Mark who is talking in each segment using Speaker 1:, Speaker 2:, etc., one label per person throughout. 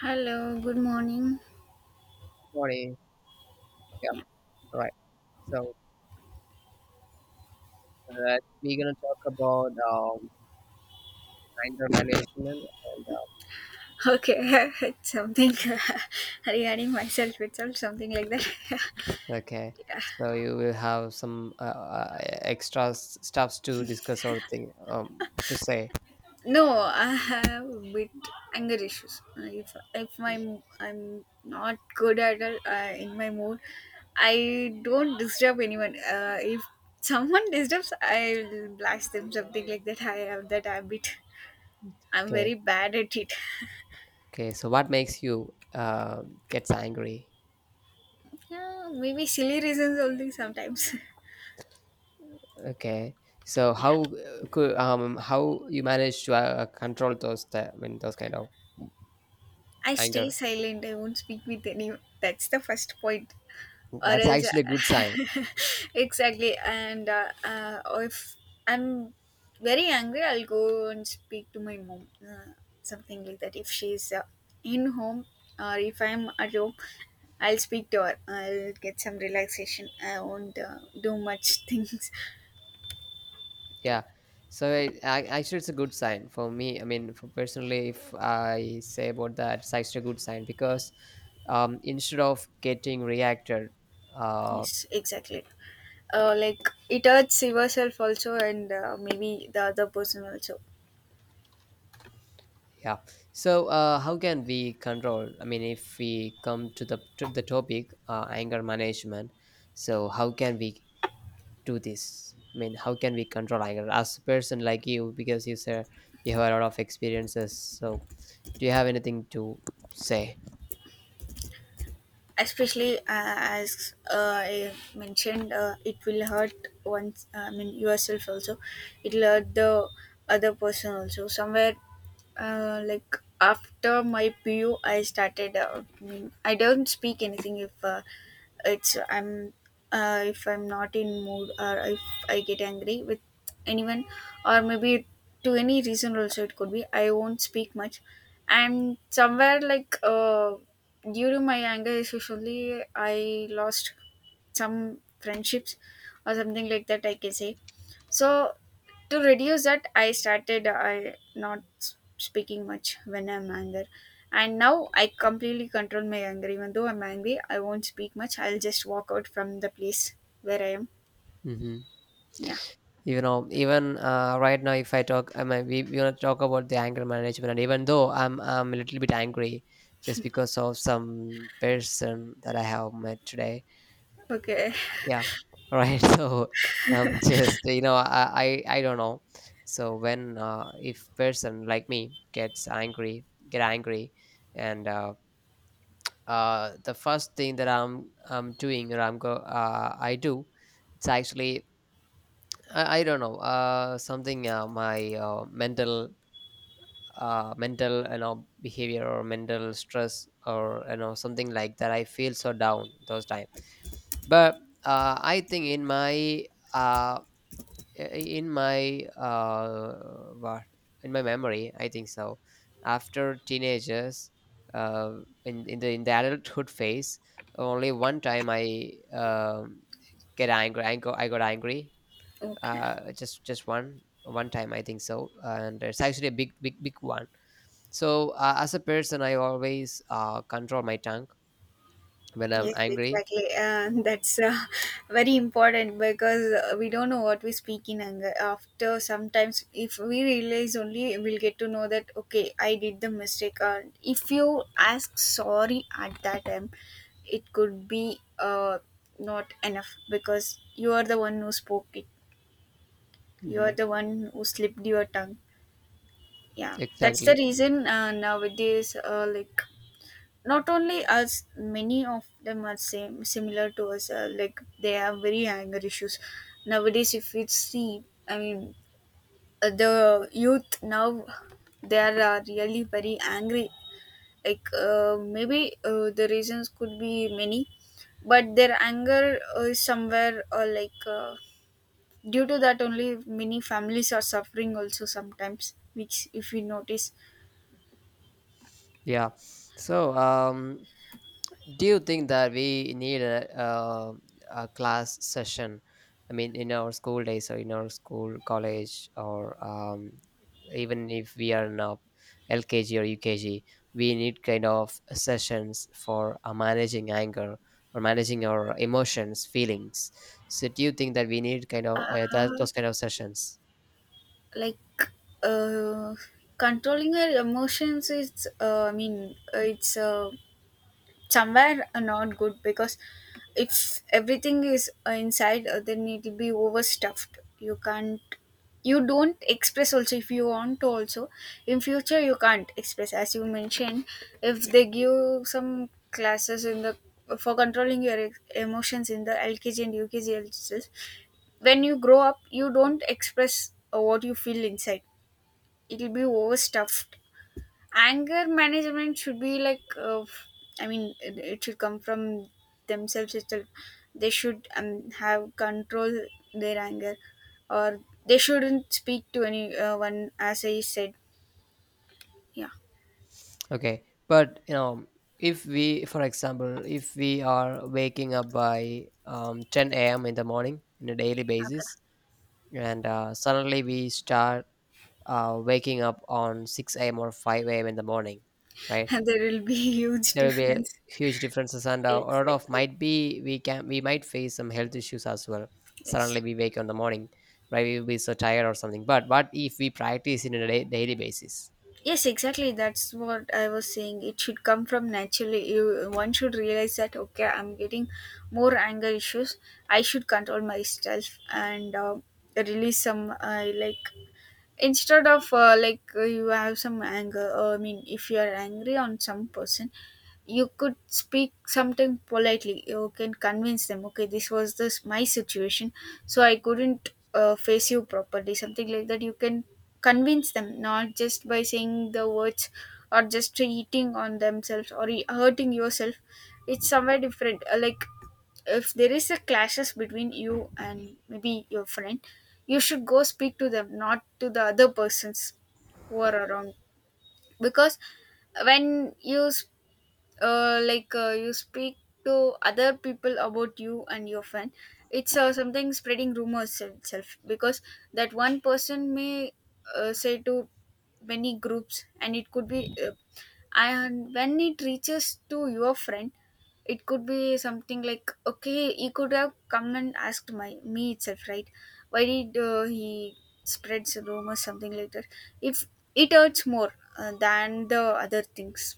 Speaker 1: Hello, good morning.
Speaker 2: Morning. Yeah, right. So uh, we're gonna talk about anger management and
Speaker 1: Okay, it's something regarding myself itself, something like that.
Speaker 2: okay,
Speaker 1: Yeah.
Speaker 2: so you will have some extra stuffs to discuss or thing to say.
Speaker 1: No, I have with anger issues. If my I'm not good at all in my mood, I don't disturb anyone. If someone disturbs, I'll blast them something like that. I have that habit. I'm
Speaker 2: Okay,
Speaker 1: very bad at it.
Speaker 2: okay. So what makes you gets angry?
Speaker 1: Yeah, maybe silly reasons only sometimes.
Speaker 2: Okay, so how you manage to control I mean those kind of
Speaker 1: I stay
Speaker 2: anger?
Speaker 1: silent. I won't speak with anyone. That's the first point. Or
Speaker 2: That's
Speaker 1: else,
Speaker 2: actually a good sign.
Speaker 1: exactly. And if I'm very angry, I'll go and speak to my mom. Something like that. If she's in home or if I'm at home, I'll speak to her. I'll get some relaxation. I won't do much things.
Speaker 2: Yeah. So I actually it's a good sign for me. I mean, for personally, if I say about that, it's actually a good sign because instead of getting reacted, uh,
Speaker 1: Yes, exactly. Like it hurts yourself also, and maybe the other person also.
Speaker 2: yeah. So how can we control? I mean, if we come to the topic anger management, so how can we do this? I mean, how can we control anger as a person like you because you said you have a lot of experiences. So do you have anything to say?
Speaker 1: Especially as I mentioned, it will hurt once. I mean yourself also. It will hurt the other person also. Somewhere, like after my PU, I started. I mean, I don't speak anything it's I'm if I'm not in mood or if I get angry with anyone or maybe to any reason also it could be. I won't speak much, and somewhere like. During my anger issues only I lost some friendships or something like that I can say. So to reduce that, I not s- speaking much when I'm angry, and now I completely control my anger. Even though I'm angry, I won't speak much. I'll just walk out from the place where I am.
Speaker 2: Mm-hmm.
Speaker 1: Yeah.
Speaker 2: You know, even right now if I talk, I mean we want to talk about the anger management, and even though I'm a little bit angry just because of some person that I have met today.
Speaker 1: Okay.
Speaker 2: Yeah, right. so just you know I don't know. So when if person like me gets angry, and the first thing that I'm doing or I do, it's actually, I don't know. Something my mental, you know, behavior or mental stress or you know something like that, I feel so down those times. But I think uh in my what in my memory, I think so, after teenagers, uh in the adulthood phase, only one time I get angry I got, I got angry,
Speaker 1: Okay.
Speaker 2: just one time I think so, and it's actually a big one. So as a person, I always control my tongue when I'm
Speaker 1: Yes,
Speaker 2: angry.
Speaker 1: exactly. That's very important, because we don't know what we speak in anger. After sometimes, if we realize only, we'll get to know that okay, I did the mistake. If you ask sorry at that time, it could be not enough, because you are the one who spoke it. You are
Speaker 2: Hmm.
Speaker 1: the one who slipped your tongue. Yeah, that's the
Speaker 2: Exactly.
Speaker 1: reason. Nowadays, like not only us, many of them are same, similar to us, like they have very anger issues nowadays. If we see, I mean, the youth now, they are really very angry. Like maybe the reasons could be many, but their anger is somewhere, or like due to that only, many families are suffering also sometimes, which if we notice.
Speaker 2: Yeah. So do you think that we need uh, a class session? I mean in our school days or in our school college or even if we are in a LKG or UKG, we need kind of sessions for managing anger or managing our emotions, feelings. So do you think that we need kind of that
Speaker 1: uh,
Speaker 2: those kind of sessions?
Speaker 1: like uh, controlling our emotions is, I mean, it's somewhere not good, because if everything is inside, then it'll be overstuffed. You can't, you don't express also if you want to also. In future you can't express, as you mentioned. If they give some classes in the, for controlling your emotions in the LKG and UKG classes, when you grow up, you don't express what you feel inside. It'll be overstuffed. Anger management should be like, I mean, it should come from themselves itself. They should have control their anger, or they shouldn't speak to anyone, as I said. Yeah.
Speaker 2: Okay, but you know, if we, for example, if we are waking up by 10 a.m. in the morning in a daily basis, and suddenly we start waking up on 6 a.m. or 5 a.m. in the morning, right?
Speaker 1: Okay. There will be huge
Speaker 2: There will be a
Speaker 1: difference.
Speaker 2: huge differences, and a lot of
Speaker 1: Exactly.
Speaker 2: might be we might face some health issues as well. Suddenly
Speaker 1: Yes.
Speaker 2: we wake up in the morning, right? We will be so tired or something. But what if we practice in a daily basis?
Speaker 1: Yes, exactly. That's what I was saying. It should come from naturally. You, one should realize that okay, I'm getting more anger issues. I should control myself and release some, like instead of, like you have some anger. I mean, if you are angry on some person, you could speak something politely. You can convince them, okay, this was this my situation, so I couldn't face you properly, something like that. You can convince them, not just by saying the words, or just eating on themselves or hurting yourself. It's somewhere different. Like if there is a clashes between you and maybe your friend, you should go speak to them, not to the other persons who are around. Because when you s- like you speak to other people about you and your friend, it's something spreading rumors itself, because that one person may say to many groups, and it could be and when it reaches to your friend, it could be something like okay, he could have come and asked my me itself, right? Why did he spreads rumors, something like that. If it hurts more than the other things.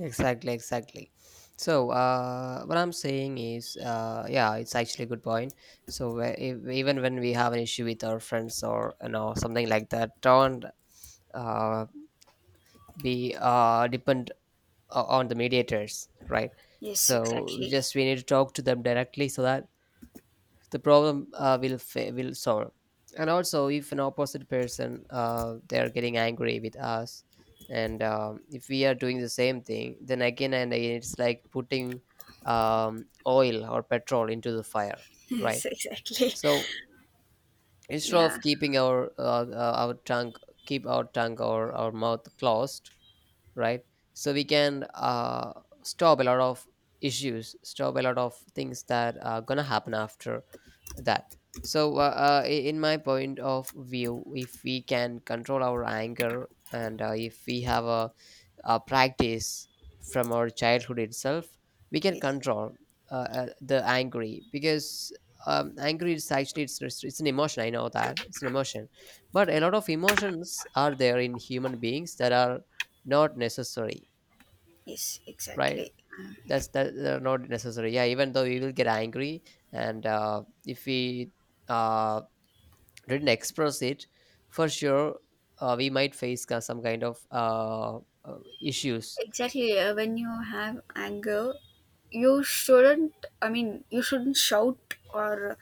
Speaker 2: Exactly, exactly. So, what I'm saying is, yeah, it's actually a good point. So, if, even when we have an issue with our friends or you know something like that, don't uh, be depend on the mediators, right?
Speaker 1: Yes,
Speaker 2: So,
Speaker 1: exactly.
Speaker 2: we need to talk to them directly so that the problem will solve, and also if an opposite person they are getting angry with us, and if we are doing the same thing then again and again, it's like putting oil or petrol into the fire, right?
Speaker 1: Yes, exactly.
Speaker 2: So instead of
Speaker 1: Yeah,
Speaker 2: keeping our tongue keep our tongue or our mouth closed, right? So we can stop a lot of issues, stop a lot of things that are gonna happen after that. So, in my point of view, if we can control our anger, and if we have a practice from our childhood itself, we can
Speaker 1: yes,
Speaker 2: control uh, the angry, because angry is actually it's an emotion. I know that it's an emotion, but a lot of emotions are there in human beings that are not necessary,
Speaker 1: yes,
Speaker 2: right?
Speaker 1: exactly. Um,
Speaker 2: That's that they're not necessary. Yeah, even though we will get angry, and if we uh, didn't express it, for sure we might face some kind of issues.
Speaker 1: exactly. When you have anger, you shouldn't, I mean, you shouldn't shout or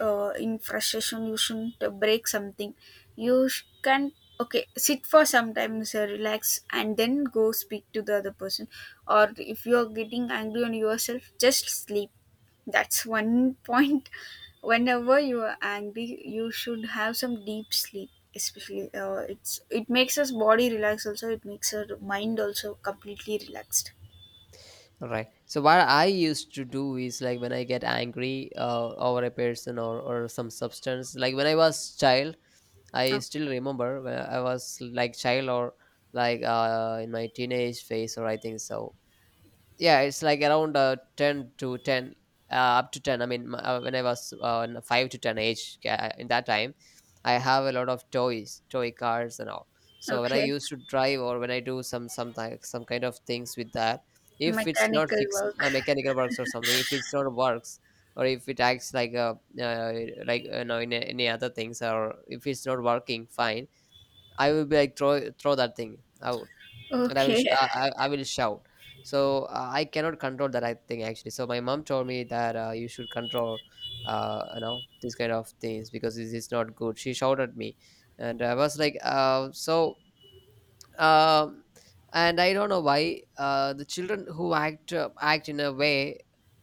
Speaker 1: in frustration, you shouldn't break something. You can, okay, sit for some time, sir, relax, and then go speak to the other person. Or if you are getting angry on yourself, just sleep. That's one point. Whenever you are angry, you should have some deep sleep. Especially, it's it makes us body relax. Also, it makes our mind also completely relaxed.
Speaker 2: All right. So what I used to do is like when I get angry over a person, or some substance, like when I was child, I
Speaker 1: Oh,
Speaker 2: still remember when I was like child, or like in my teenage phase, or I think so, yeah, it's like around 10 up to 10, when I was in a 5 to 10 age, in that time I have a lot of toy cars and all. So when I
Speaker 1: okay,
Speaker 2: used to drive, or when I do some some kind of things with that, if it's not
Speaker 1: mechanical
Speaker 2: fixed
Speaker 1: work.
Speaker 2: mechanical works or something, if it's not works, or if it acts like a uh, like you know in any other things, or if it's not working fine, I will be like throw that thing out, and
Speaker 1: Okay.
Speaker 2: I will shout. So I cannot control that, I think actually. So my mom told me that you should control you know these kind of things because this is not good. She shouted at me, and I was like so. Um, and I don't know why the children who act act in a way,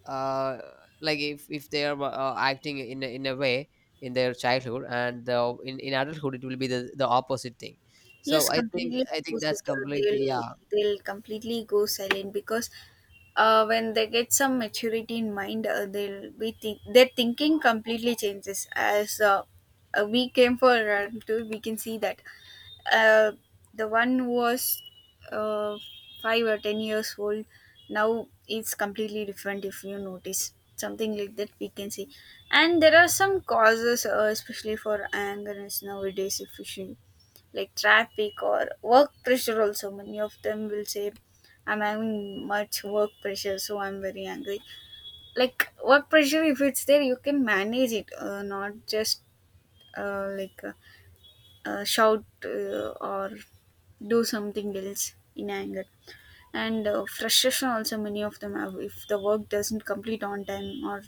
Speaker 2: uh, like if they are acting in in a way in their childhood, and in adulthood it will be the opposite thing. So
Speaker 1: Yes, completely
Speaker 2: I think that's
Speaker 1: opposite.
Speaker 2: completely
Speaker 1: They'll
Speaker 2: yeah.
Speaker 1: completely go silent, because when they get some maturity in mind, they'll be their thinking completely changes. As we came for a run tour, we can see that, uh, the one who was uh, 5 or 10 years old, now it's completely different, if you notice, something like that we can see. And there are some causes, especially for anger is nowadays if you see, like traffic or work pressure also, many of them will say I'm having much work pressure, so I'm very angry. Like work pressure, if it's there, you can manage it, not just, like shout or do something else in anger. And frustration also many of them have, if the work doesn't complete on time, or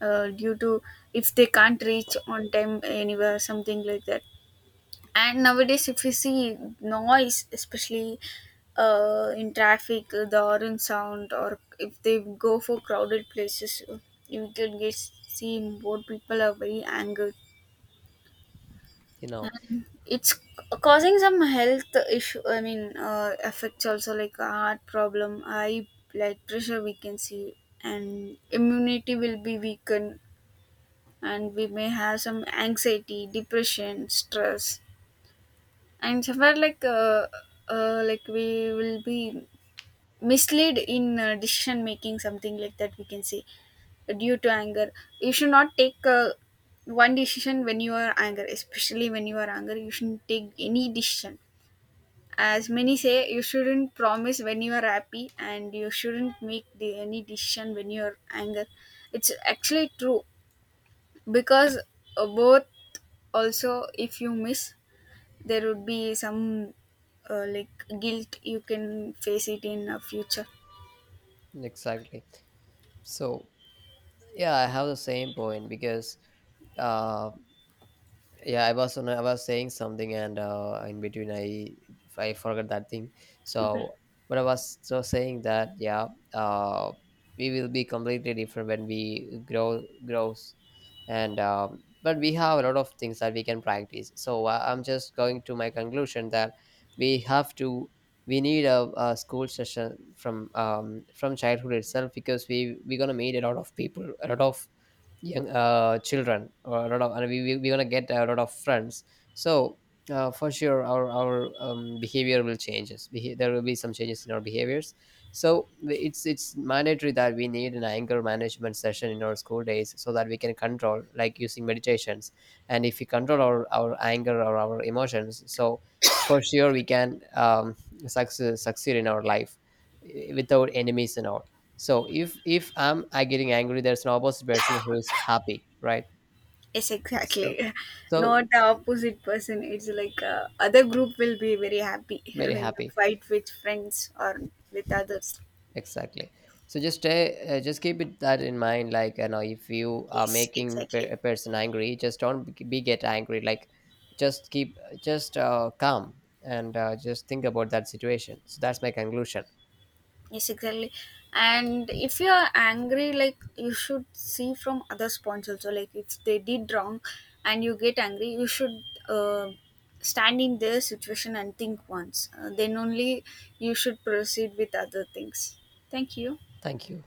Speaker 1: due to, if they can't reach on time anywhere, something like that. And nowadays if you see noise, especially in traffic, the orange sound, or if they go for crowded places, you can get see more people are very angry.
Speaker 2: You know,
Speaker 1: It's causing some health issue, I mean, effects also, like heart problem, high blood pressure, we can see. And immunity will be weakened, and we may have some anxiety, depression, stress, and somewhere like, like we will be misled in decision making, something like that we can say. Due to anger, you should not take one decision when you are angry. Especially when you are angry, you shouldn't take any decision. As many say, you shouldn't promise when you are happy, and you shouldn't make the, any decision when you're angry. It's actually true, because both, also if you miss, there would be some like guilt, you can face it in a future.
Speaker 2: exactly. So yeah, I have the same point because uh, yeah I was saying something, and in between I forgot that thing,
Speaker 1: Okay.
Speaker 2: so. But I was so saying that yeah, uh, we will be completely different when we grow grows, and but we have a lot of things that we can practice. So I'm just going to my conclusion, that we have to, we need a school session from childhood itself, because we're gonna meet a lot of people, a lot of young children, or a lot of, and we're gonna get a lot of friends. So for sure our behavior will changes, there will be some changes in our behaviors. So it's mandatory that we need an anger management session in our school days so that we can control, like using meditations, and if we control our anger or our emotions, so for sure we can succeed in our life, eh, without enemies and all. So if I'm I getting angry, there's an opposite person who is happy, right?
Speaker 1: Yes, exactly.
Speaker 2: So so
Speaker 1: Not the opposite person, it's like, other group will be very happy
Speaker 2: Very
Speaker 1: when you
Speaker 2: happy,
Speaker 1: fight with friends or with others.
Speaker 2: exactly. So just stay, just keep it that in mind. Like you know, if you are
Speaker 1: Yes,
Speaker 2: making
Speaker 1: exactly.
Speaker 2: a person angry, just don't be get angry. Like just keep just calm, and just think about that situation. So that's my conclusion.
Speaker 1: Yes, exactly. And if you are angry, like you should see from other points also. Like if they did wrong, and you get angry, you should uh, stand in their situation and think once. Then only you should proceed with other things. Thank you.
Speaker 2: Thank you.